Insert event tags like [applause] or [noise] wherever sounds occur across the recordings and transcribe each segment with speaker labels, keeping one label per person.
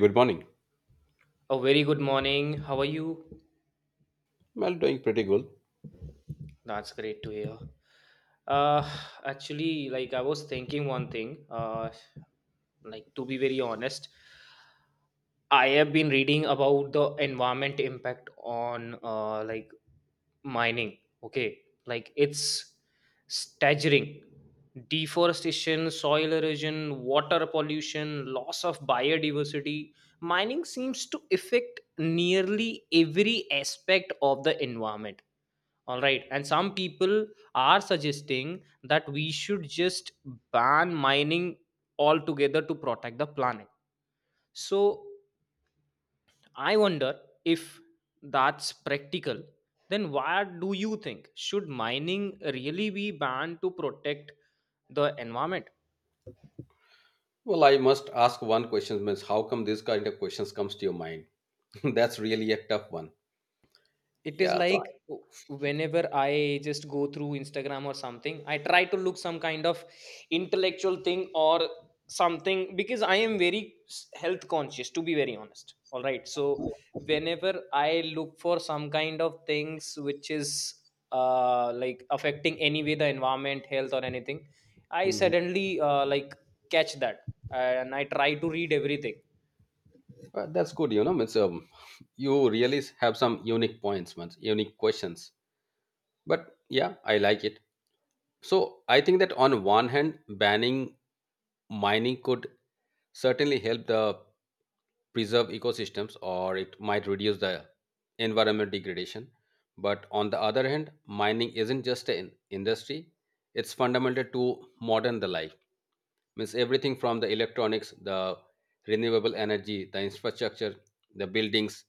Speaker 1: Good morning.
Speaker 2: A very good morning. How are you?
Speaker 1: Well, doing pretty good.
Speaker 2: That's great to hear. Uh, actually, I was thinking one thing. Like to be very honest, I have been reading about the environment impact on mining. Okay, like it's staggering. Deforestation, soil erosion, water pollution, loss of biodiversity. Mining seems to affect nearly every aspect of the environment, all right. And some people are suggesting that we should just ban mining altogether to protect the planet. So I wonder if that's practical. Then what do you think? Should mining really be banned to protect the environment?
Speaker 1: Well, I must ask one question, means how come this kind of questions comes to your mind? [laughs] That's really a tough one.
Speaker 2: It is
Speaker 1: Yeah, so.
Speaker 2: like whenever I just go through Instagram or something, I try to look some kind of intellectual thing or something because I am very health conscious, to be very honest. All right. So, whenever I look for some kind of things which is affecting anyway the environment, health, or anything, I
Speaker 1: Mhm.
Speaker 2: suddenly catch that and I try to read everything.
Speaker 1: That's good. You know, means you really have some unique points, means unique questions. But yeah, I like it. So I think that on one hand, banning mining could certainly help the preserve ecosystems or it might reduce the environment degradation. But on the other hand, mining isn't just an industry, it's fundamental to modern the life. Means everything from the electronics, the renewable energy, the infrastructure, the buildings,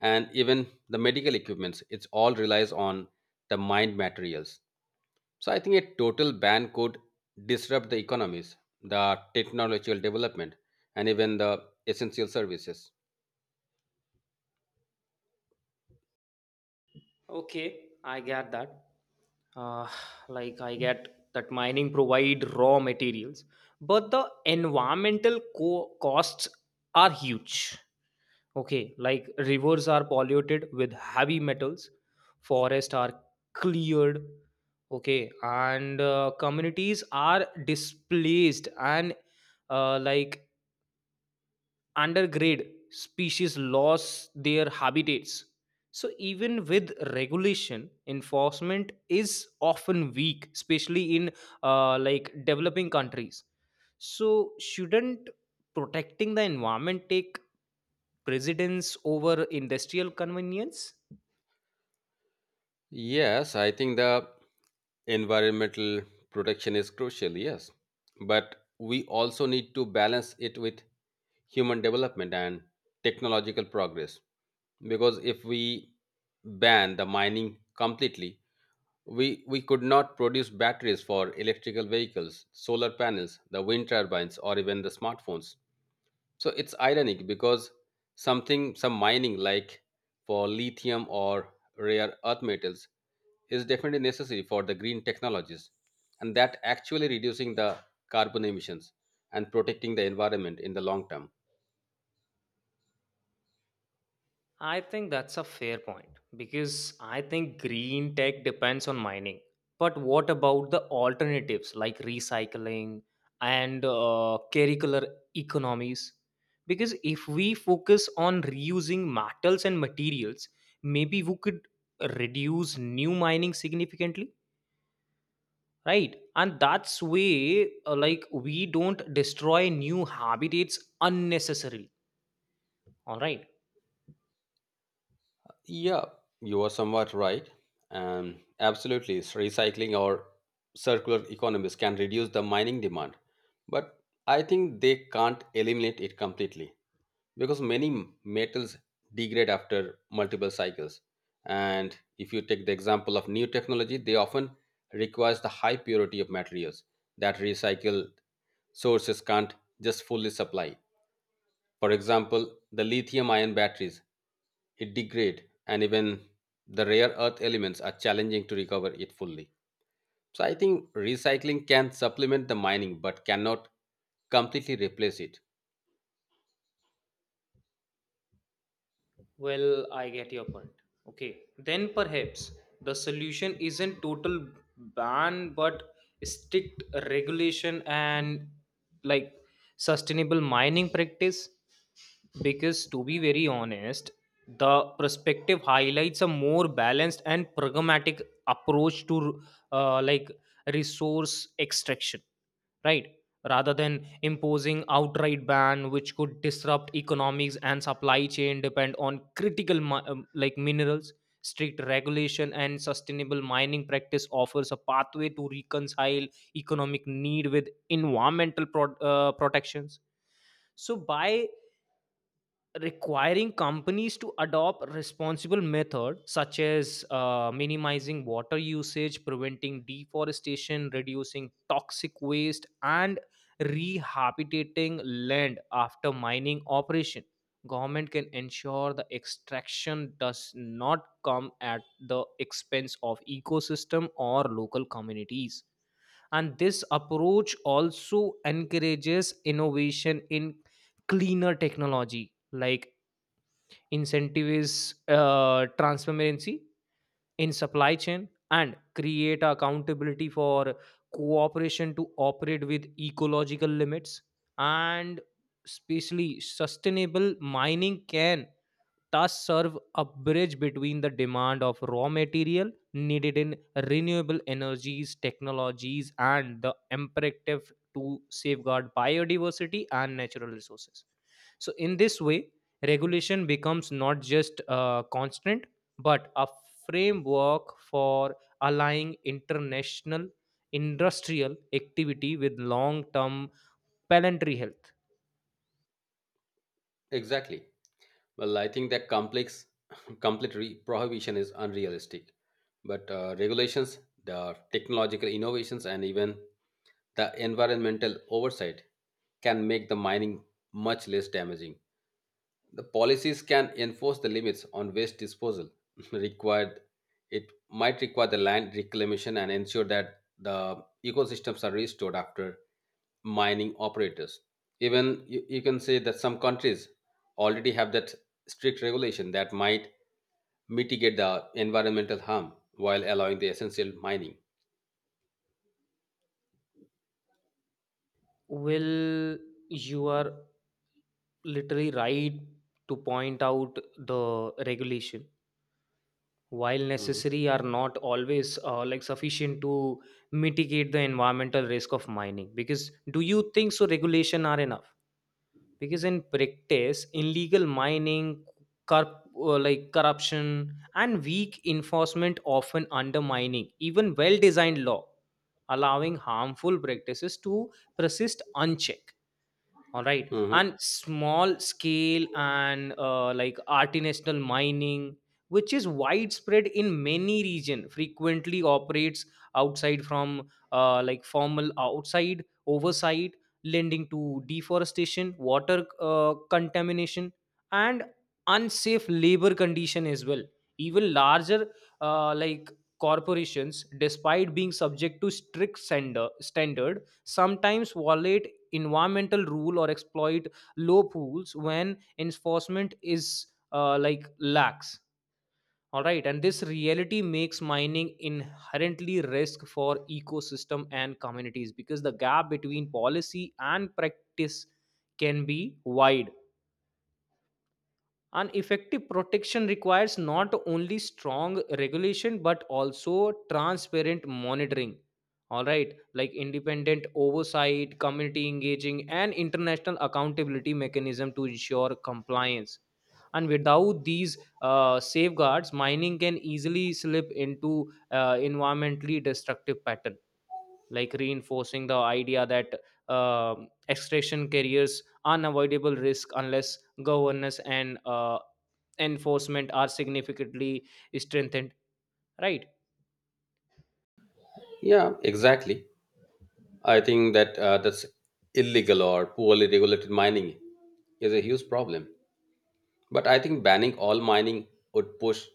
Speaker 1: and even the medical equipments, it's all relies on the mined materials. So I think a total ban could disrupt the economies, the technological development, and even the essential services.
Speaker 2: Okay, I get that uh, like I get that mining provide raw materials, but the environmental costs are huge. Okay, like rivers are polluted with heavy metals, forests are cleared. Okay, and communities are displaced, and uh, like undergrade species lost their habitats. So even with regulation, enforcement is often weak, especially in developing countries. So shouldn't protecting the environment take precedence over industrial convenience?
Speaker 1: Yes, I think the environmental protection is crucial, yes. But we also need to balance it with human development and technological progress. Because if we ban the mining completely, we could not produce batteries for electrical vehicles, solar panels, the wind turbines, or even the smartphones. So it's ironic because something, some mining like for lithium or rare earth metals is definitely necessary for the green technologies and that actually reducing the carbon emissions and protecting the environment in the long term.
Speaker 2: I think that's a fair point because I think green tech depends on mining. But what about the alternatives like recycling and curricular economies? Because if we focus on reusing metals and materials, maybe we could reduce new mining significantly, right? And that's way we don't destroy new habitats unnecessarily. All right.
Speaker 1: Yeah, you are somewhat right. And absolutely, recycling or circular economies can reduce the mining demand, but I think they can't eliminate it completely. Because many metals degrade after multiple cycles, and if you take the example of new technology, they often requires the high purity of materials that recycled sources can't just fully supply. For example, the lithium ion batteries, it degrade, and even the rare earth elements are challenging to recover it fully. So I think recycling can supplement the mining but cannot completely replace it.
Speaker 2: Well, I get your point. Okay, then perhaps the solution isn't total ban but strict regulation and like sustainable mining practice, because to be very honest, the perspective highlights a more balanced and pragmatic approach to uh, like resource extraction, right? Rather than imposing outright ban, which could disrupt economics and supply chain depend on critical minerals, strict regulation and sustainable mining practice offers a pathway to reconcile economic need with environmental protections. So by requiring companies to adopt responsible method such as minimizing water usage, preventing deforestation, reducing toxic waste, and rehabilitating land after mining operation, government can ensure the extraction does not come at the expense of ecosystem or local communities. And this approach also encourages innovation in cleaner technology, like incentive is transparency in supply chain and create accountability for cooperation to operate with ecological limits. And especially sustainable mining can thus serve a bridge between the demand of raw material needed in renewable energies technologies and the imperative to safeguard biodiversity and natural resources. So, in this way, regulation becomes not just a constant but a framework for aligning international industrial activity with long term planetary health.
Speaker 1: Exactly. Well, I think that [laughs] prohibition is unrealistic. But regulations, the technological innovations, and even the environmental oversight can make the mining much less damaging. The policies can enforce the limits on waste disposal [laughs] required. It might require the land reclamation and ensure that the ecosystems are restored after mining operators. Even you can say that some countries already have that strict regulation that might mitigate the environmental harm while allowing the essential mining.
Speaker 2: Well, you are literally right to point out the regulation, while
Speaker 1: Mhm.
Speaker 2: necessary, are not always sufficient to mitigate the environmental risk of mining, because do you think so regulation are enough? Because in practice, illegal mining, corp, like corruption, and weak enforcement often undermining even well designed law, allowing harmful practices to persist unchecked, all right.
Speaker 1: Hmm.
Speaker 2: And small scale and artisanal mining, which is widespread in many region, frequently operates outside from formal outside oversight, lending to deforestation, water contamination, and unsafe labor condition as well. Even larger uh, like corporations, despite being subject to strict standard, sometimes violate environmental rule or exploit low pools when enforcement is lax, all right. And this reality makes mining inherently risk for ecosystem and communities because the gap between policy and practice can be wide. An effective protection requires not only strong regulation but also transparent monitoring, all right, like independent oversight, community engaging, and international accountability mechanism to ensure compliance. And without these safeguards, mining can easily slip into environmentally destructive pattern, like reinforcing the idea that extraction carriers unavoidable risk unless governance and enforcement are significantly strengthened, right.
Speaker 1: Yeah, exactly. I think that that's illegal or poorly regulated mining is a huge problem. But I think banning all mining would push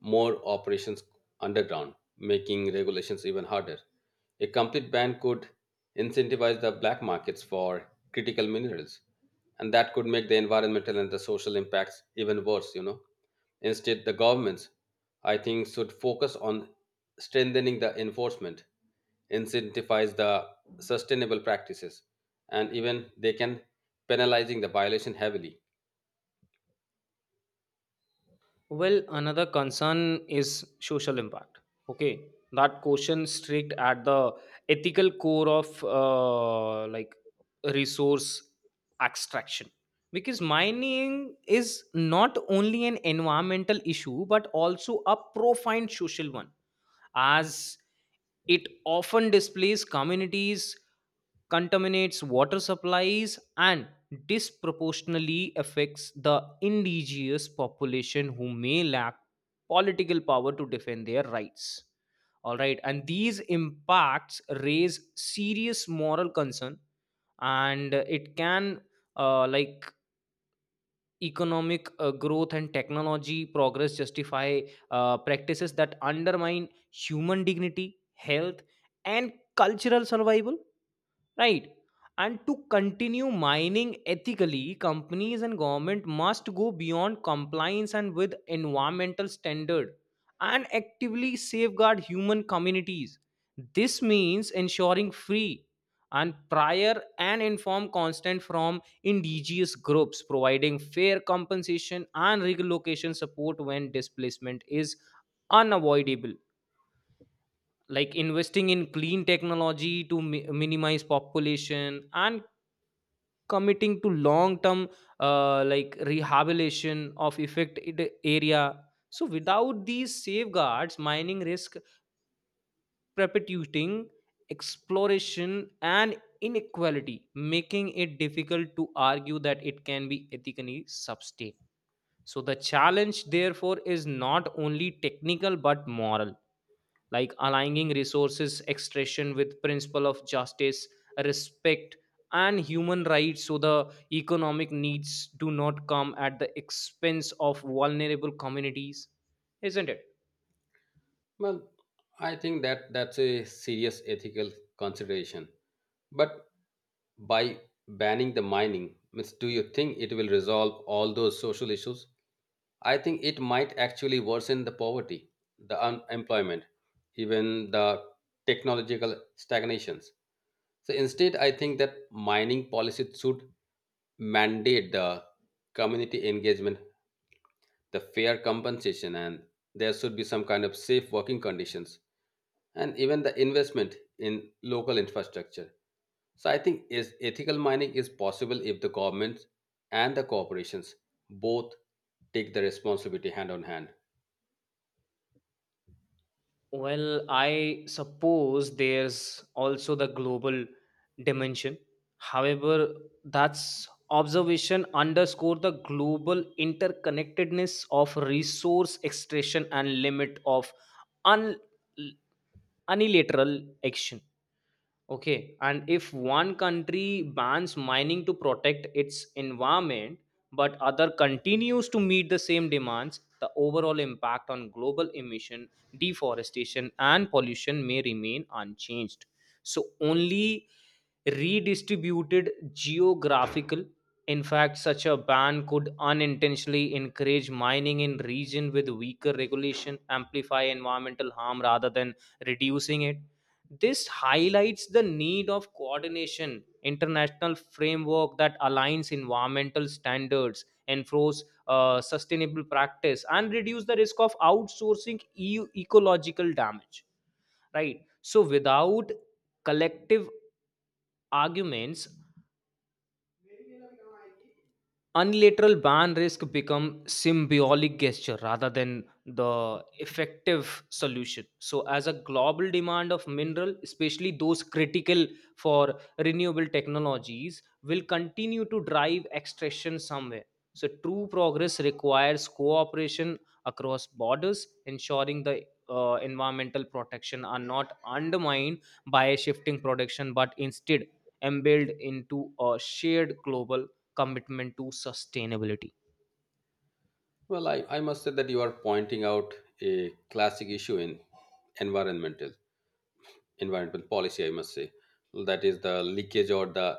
Speaker 1: more operations underground, making regulations even harder. A complete ban could incentivize the black markets for critical minerals, and that could make the environmental and the social impacts even worse, you know. Instead, the governments, I think, should focus on strengthening the enforcement, incentivize the sustainable practices, and even they can penalizing the violation heavily.
Speaker 2: Well, another concern is social impact, okay, that question strict at the ethical core of resource extraction, because mining is not only an environmental issue but also a profound social one, as it often displays communities, contaminates water supplies, and disproportionately affects the indigenous population who may lack political power to defend their rights. All right, and these impacts raise serious moral concern, and it can uh, like economic growth and technology progress justify practices that undermine human dignity, health, and cultural survival? Right. And to continue mining ethically, companies and government must go beyond compliance and with environmental standard and actively safeguard human communities. This means ensuring free and prior and informed consent from indigenous groups, providing fair compensation and relocation support when displacement is unavoidable, like investing in clean technology to minimize population, and committing to long term rehabilitation of affected area. So without these safeguards, mining risk perpetuating exploration and inequality, making it difficult to argue that it can be ethically sustained. So the challenge therefore is not only technical but moral, like aligning resources extraction with principle of justice, respect, and human rights, so the economic needs do not come at the expense of vulnerable communities, isn't it?
Speaker 1: Well, I think that that's a serious ethical consideration. But by banning the mining, means do you think it will resolve all those social issues? I think it might actually worsen the poverty, the unemployment, even the technological stagnations. So instead, I think that mining policy should mandate the community engagement, the fair compensation, and there should be some kind of safe working conditions, and even the investment in local infrastructure. So I think is ethical mining is possible if the governments and the corporations both take the responsibility hand on hand.
Speaker 2: Well, I suppose there's also the global dimension. However, that's observation underscore the global interconnectedness of resource extraction and limit of un- unilateral action. Okay, and if one country bans mining to protect its environment, but other continues to meet the same demands, the overall impact on global emission, deforestation, and pollution may remain unchanged. So, only redistributed geographical. In fact, such a ban could unintentionally encourage mining in region with weaker regulation, amplify environmental harm rather than reducing it. This highlights the need of coordination international framework that aligns environmental standards, enforce sustainable practice, and reduce the risk of outsourcing ecological damage, right. So without collective arguments, unilateral ban risk become symbolic gesture rather than the effective solution. So, as a global demand of mineral, especially those critical for renewable technologies, will continue to drive extraction somewhere. So, true progress requires cooperation across borders, ensuring the environmental protection are not undermined by shifting production, but instead embedded into a shared global commitment to sustainability.
Speaker 1: Well, I must say that you are pointing out a classic issue in environmental environmental policy, I must say. That is the leakage or the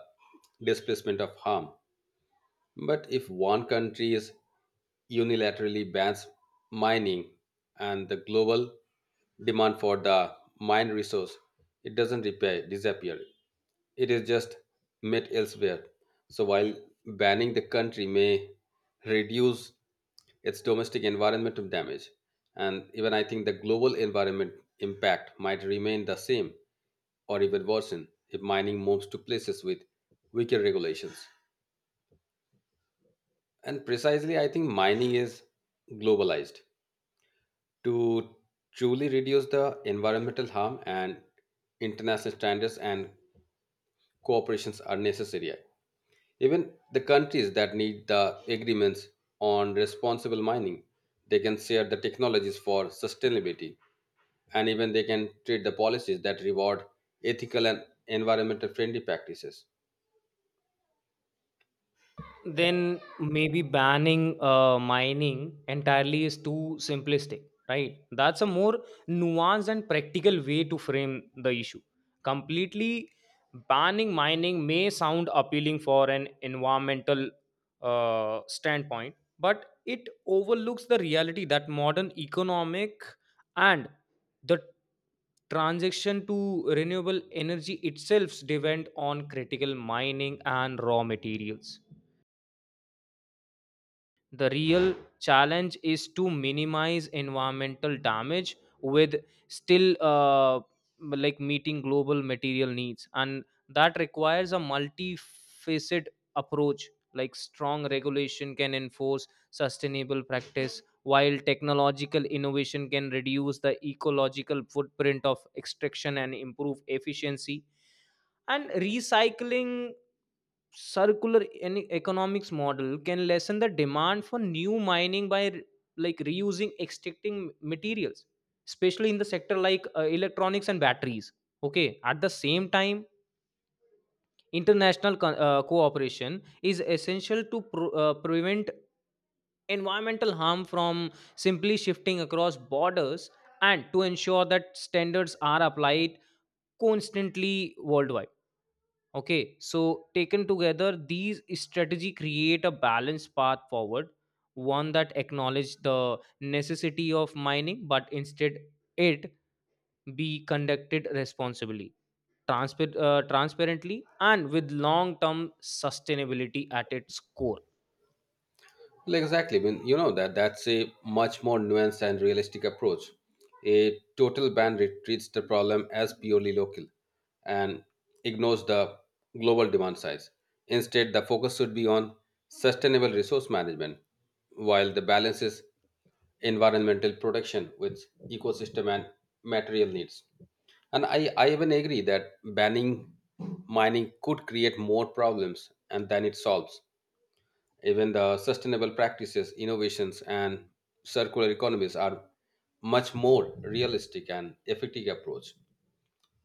Speaker 1: displacement of harm. But if one country is unilaterally bans mining and the global demand for the mine resource, it doesn't repair, disappear. It is just met elsewhere. So while banning the country may reduce its domestic environmental damage, and even I think the global environment impact might remain the same or even worsen if mining moves to places with weaker regulations. And precisely, I think mining is globalized. To truly reduce the environmental harm and international standards and cooperations are necessary. Even the countries that need the agreements on responsible mining, they can share the technologies for sustainability, and even they can treat the policies that reward ethical and environmental friendly practices.
Speaker 2: Then maybe banning mining entirely is too simplistic, right? That's a more nuanced and practical way to frame the issue. Completely banning mining may sound appealing for an environmental standpoint, but it overlooks the reality that modern economic and the transition to renewable energy itself depend on critical mining and raw materials. The real challenge is to minimize environmental damage with still meeting global material needs, and that requires a multifaceted approach. Like strong regulation can enforce sustainable practice, while technological innovation can reduce the ecological footprint of extraction and improve efficiency. And recycling circular economics model can lessen the demand for new mining by reusing extracting materials, especially in the sector like electronics and batteries. Okay, at the same time, international cooperation is essential to prevent environmental harm from simply shifting across borders and to ensure that standards are applied constantly worldwide. Okay, so taken together, these strategy create a balanced path forward, one that acknowledge the necessity of mining, but instead it be conducted responsibly, transparently, and with long-term sustainability at its core.
Speaker 1: Well, exactly. I mean, you know that that's a much more nuanced and realistic approach. A total treats the problem as purely local and ignores the global demand size. Instead, the focus should be on sustainable resource management, while the balance is environmental protection with ecosystem and material needs. And I even agree that banning mining could create more problems and than it solves. Even the sustainable practices, innovations, and circular economies are much more realistic and effective approach.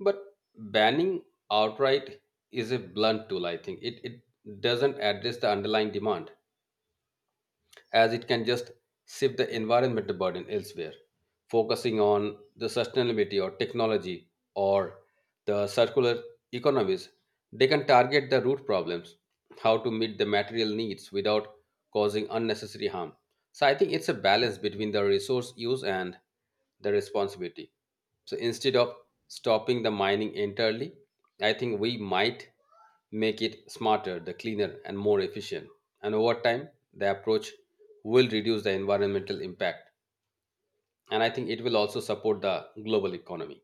Speaker 1: But banning outright is a blunt tool, I think. It doesn't address the underlying demand, as it can just shift the environmental burden elsewhere, focusing on the sustainability or technology or the circular economies. They can target the root problems, how to meet the material needs without causing unnecessary harm. So I think it's a balance between the resource use and the responsibility. So instead of stopping the mining entirely, I think we might make it smarter, the cleaner, and more efficient. And over time, the approach will reduce the environmental impact. And I think it will also support the global economy.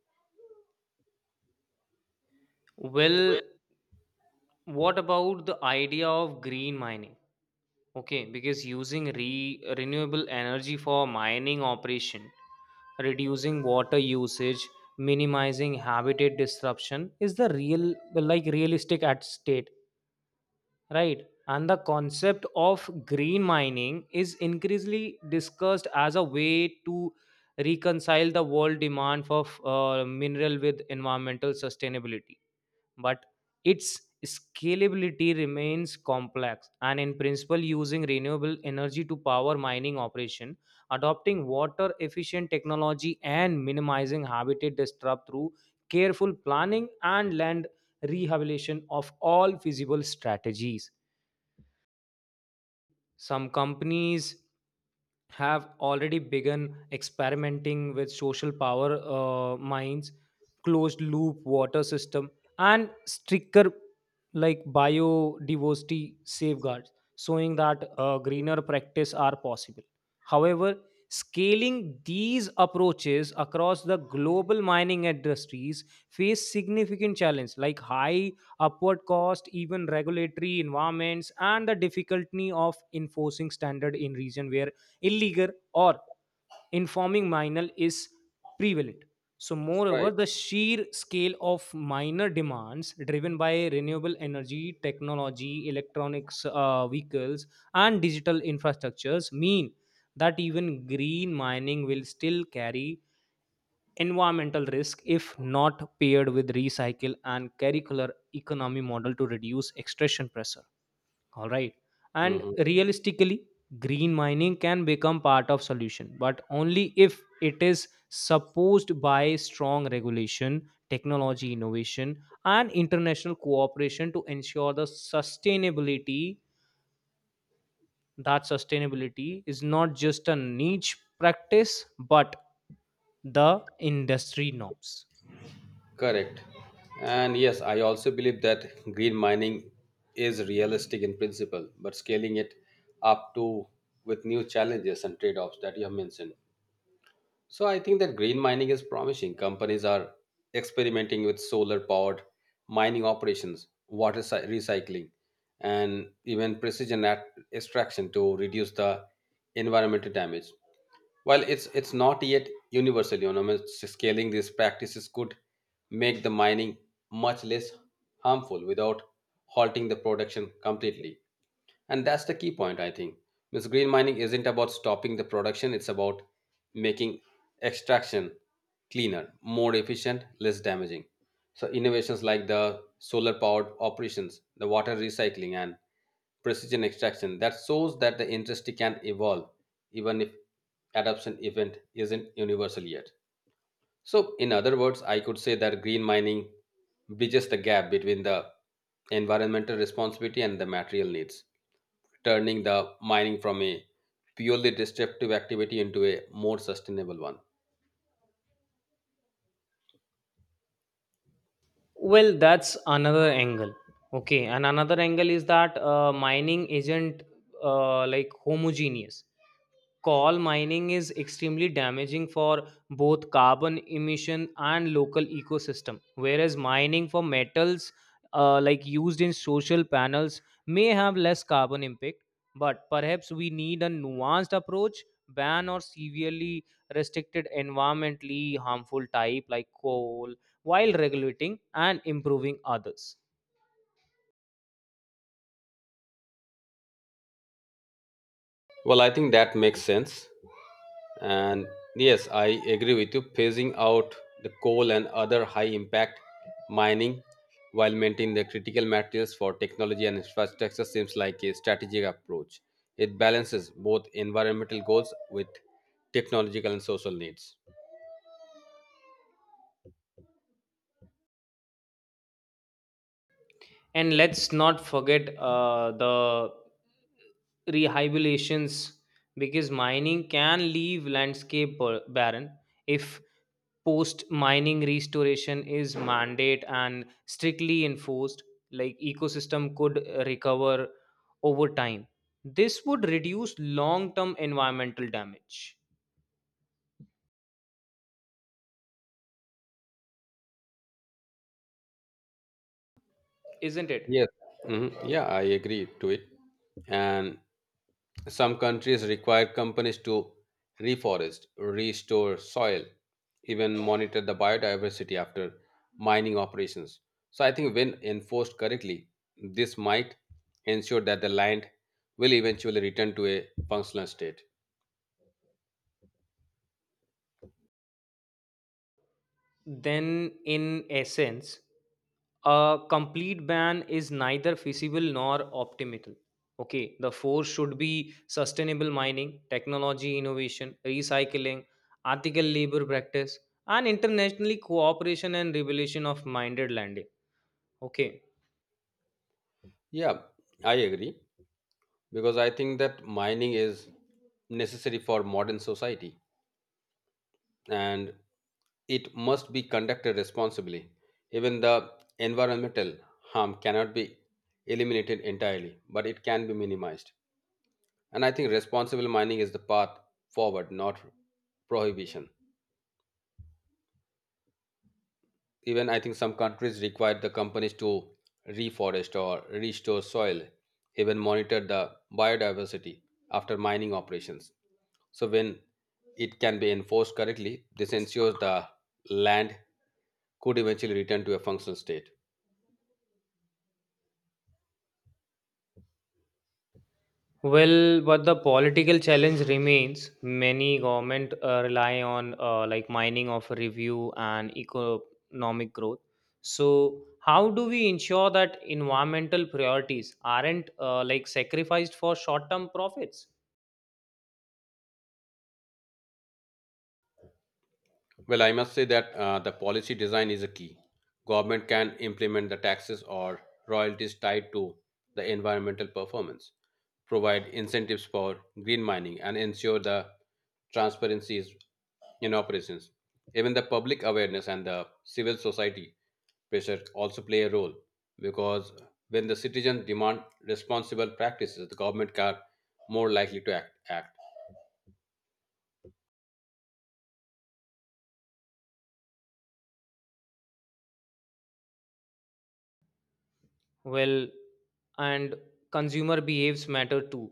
Speaker 2: Well, what about the idea of green mining? Okay, because using renewable energy for mining operation, reducing water usage, minimizing habitat disruption is the real like realistic at state, right? And the concept of green mining is increasingly discussed as a way to reconcile the world demand for mineral with environmental sustainability, but its scalability remains complex. And in principle, using renewable energy to power mining operation, adopting water efficient technology, and minimizing habitat disrupt through careful planning and land rehabilitation of all feasible strategies. Some companies have already begun experimenting with social power mines, closed loop water system, and stricter like biodiversity safeguards, showing that greener practice are possible. However, scaling these approaches across the global mining industries face significant challenge, like high upward cost, even regulatory environments, and the difficulty of enforcing standard in region where illegal or informing minor is prevalent. So, moreover,
Speaker 1: Right.
Speaker 2: the sheer scale of minor demands driven by renewable energy, technology, electronics, vehicles, and digital infrastructures mean that even green mining will still carry environmental risk if not paired with recycle and curricular economy model to reduce extraction pressure, all right. And
Speaker 1: Hmm.
Speaker 2: realistically, green mining can become part of solution, but only if it is supposed by strong regulation, technology innovation, and international cooperation to ensure the sustainability, that sustainability is not just a niche practice but the industry norms.
Speaker 1: Correct. And yes, I also believe that green mining is realistic in principle, but scaling it up to with new challenges and trade offs that you have mentioned. So I think that green mining is promising. Companies are experimenting with solar powered mining operations, recycling, and even extraction to reduce the environmental damage. While it's not yet universal, you know, I mean, scaling these practices could make the mining much less harmful without halting the production completely. And that's the key point, I think. Because green mining isn't about stopping the production, it's about making extraction cleaner, more efficient, less damaging. So, innovations like the solar powered operations, the water recycling, and precision extraction that shows that the industry can evolve even if adoption event isn't universal yet. So, in other words, I could say that green mining bridges the gap between the environmental responsibility and the material needs, turning the mining from a purely destructive activity into a more sustainable one.
Speaker 2: Well, that's another angle. Okay, and another angle is that mining isn't homogeneous. Coal mining is extremely damaging for both carbon emission and local ecosystem, whereas mining for metals used in social panels may have less carbon impact, but perhaps we need a nuanced approach, ban or severely restricted environmentally harmful type like coal, while regulating and improving others.
Speaker 1: Well, I think that makes sense. And yes, I agree with you. Phasing out the coal and other high impact mining while maintaining the critical materials for technology and infrastructure seems like a strategic approach. It balances both environmental goals with technological and social needs.
Speaker 2: And let's not forget the rehabilitations, because mining can leave landscape barren. If post mining restoration is mandate and strictly enforced, like ecosystem could recover over time, this would reduce long term environmental damage, isn't
Speaker 1: Yes.
Speaker 2: it?
Speaker 1: Hmm. Yeah, I agree to it. And some countries require companies to reforest, restore soil, even monitor the biodiversity after mining operations. So I think when enforced correctly, this might ensure that the land will eventually return to a functional state.
Speaker 2: Then, in essence, a complete ban is neither feasible nor optimal. Okay, the force should be sustainable mining, technology innovation, recycling, ethical labor practice, and internationally cooperation and regulation of minded landing. Okay.
Speaker 1: Yeah, I agree, because I think that mining is necessary for modern society, and it must be conducted responsibly. Even the environmental harm cannot be eliminated entirely, but it can be minimized. And I think responsible mining is the path forward, not prohibition. Even I think some countries require the companies to reforest or restore soil, even monitor the biodiversity after mining operations. So when it can be enforced correctly, this ensures the land could eventually return to a functional state?
Speaker 2: Well, but the political challenge remains. Many government rely on mining of review and economic growth. So, how do we ensure that environmental priorities aren't sacrificed for short-term profits?
Speaker 1: Well, I must say that the policy design is a key. Government can implement the taxes or royalties tied to the environmental performance, provide incentives for green mining, and ensure the transparency is in operations. Even the public awareness and the civil society pressure also play a role, because when the citizens demand responsible practices, the government are more likely to act.
Speaker 2: Well, and consumer behaves matter too.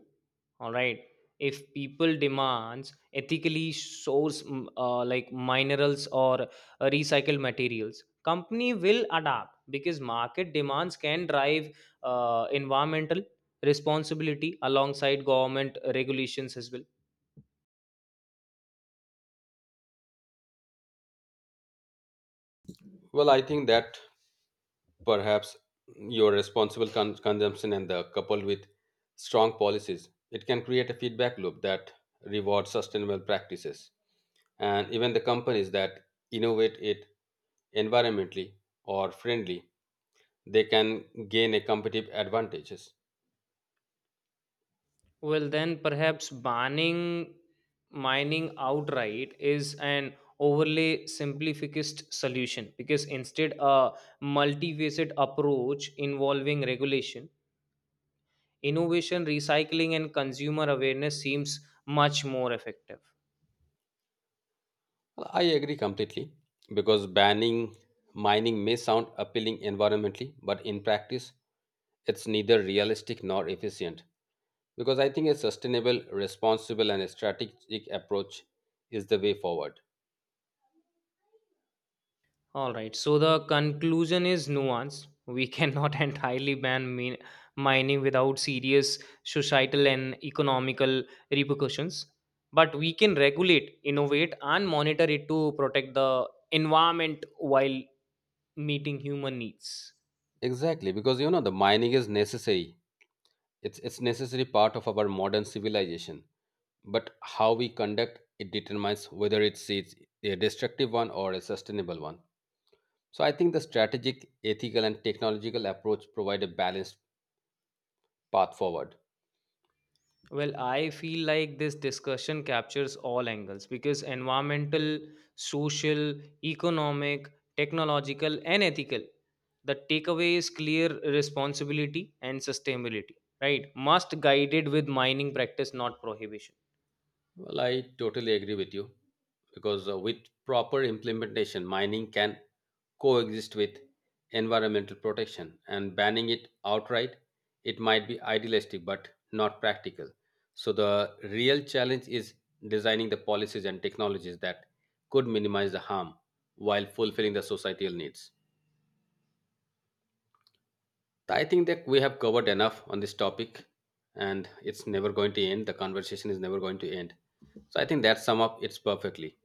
Speaker 2: All right. If people demands ethically source minerals or recycled materials, company will adapt because market demands can drive environmental responsibility alongside government regulations as well.
Speaker 1: Well, I think that perhaps your responsible consumption and the coupled with strong policies, it can create a feedback loop that rewards sustainable practices, and even the companies that innovate it environmentally or friendly, they can gain a competitive advantages.
Speaker 2: Well, then perhaps banning mining outright is an overly simplificist solution, because instead a multifaceted approach involving regulation, innovation, recycling, and consumer awareness seems much more effective.
Speaker 1: Well, I agree completely, because banning mining may sound appealing environmentally, but in practice it's neither realistic nor efficient. Because I think a sustainable, responsible, and strategic approach is the way forward.
Speaker 2: All right. So the conclusion is nuanced. We cannot [laughs] entirely ban mining without serious societal and economical repercussions, but we can regulate, innovate, and monitor it to protect the environment while meeting human needs.
Speaker 1: Exactly, because you know the mining is necessary. It's necessary part of our modern civilization. But how we conduct it determines whether it's a destructive one or a sustainable one. So I think the strategic, ethical, and technological approach provide a balanced path forward.
Speaker 2: Well, I feel like this discussion captures all angles because environmental, social, economic, technological, and ethical. The takeaway is clear responsibility and sustainability, right? Must guided with mining practice, not prohibition.
Speaker 1: Well, I totally agree with you, because with proper implementation, mining can coexist with environmental protection, and banning it outright, it might be idealistic but not practical. So the real challenge is designing the policies and technologies that could minimize the harm while fulfilling the societal needs. I think that we have covered enough on this topic, and it's never going to end, the conversation is never going to end. So I think that sum up it's perfectly.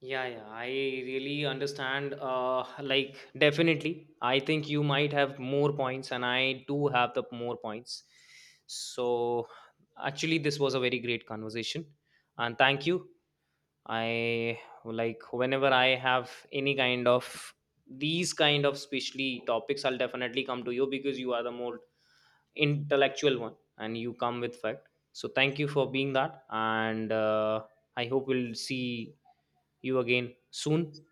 Speaker 2: Yeah, yeah, I really understand. Definitely, I think you might have more points, and I do have the more points. So, actually, this was a very great conversation, and thank you. I like whenever I have any kind of these kind of specially topics, I'll definitely come to you because you are the more intellectual one and you come with fact. So thank you for being that, and I hope we'll see you again soon.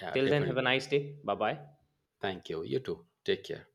Speaker 1: Yeah,
Speaker 2: Till then, have a
Speaker 1: definitely.
Speaker 2: nice day. Bye bye.
Speaker 1: Thank you, you too, take care.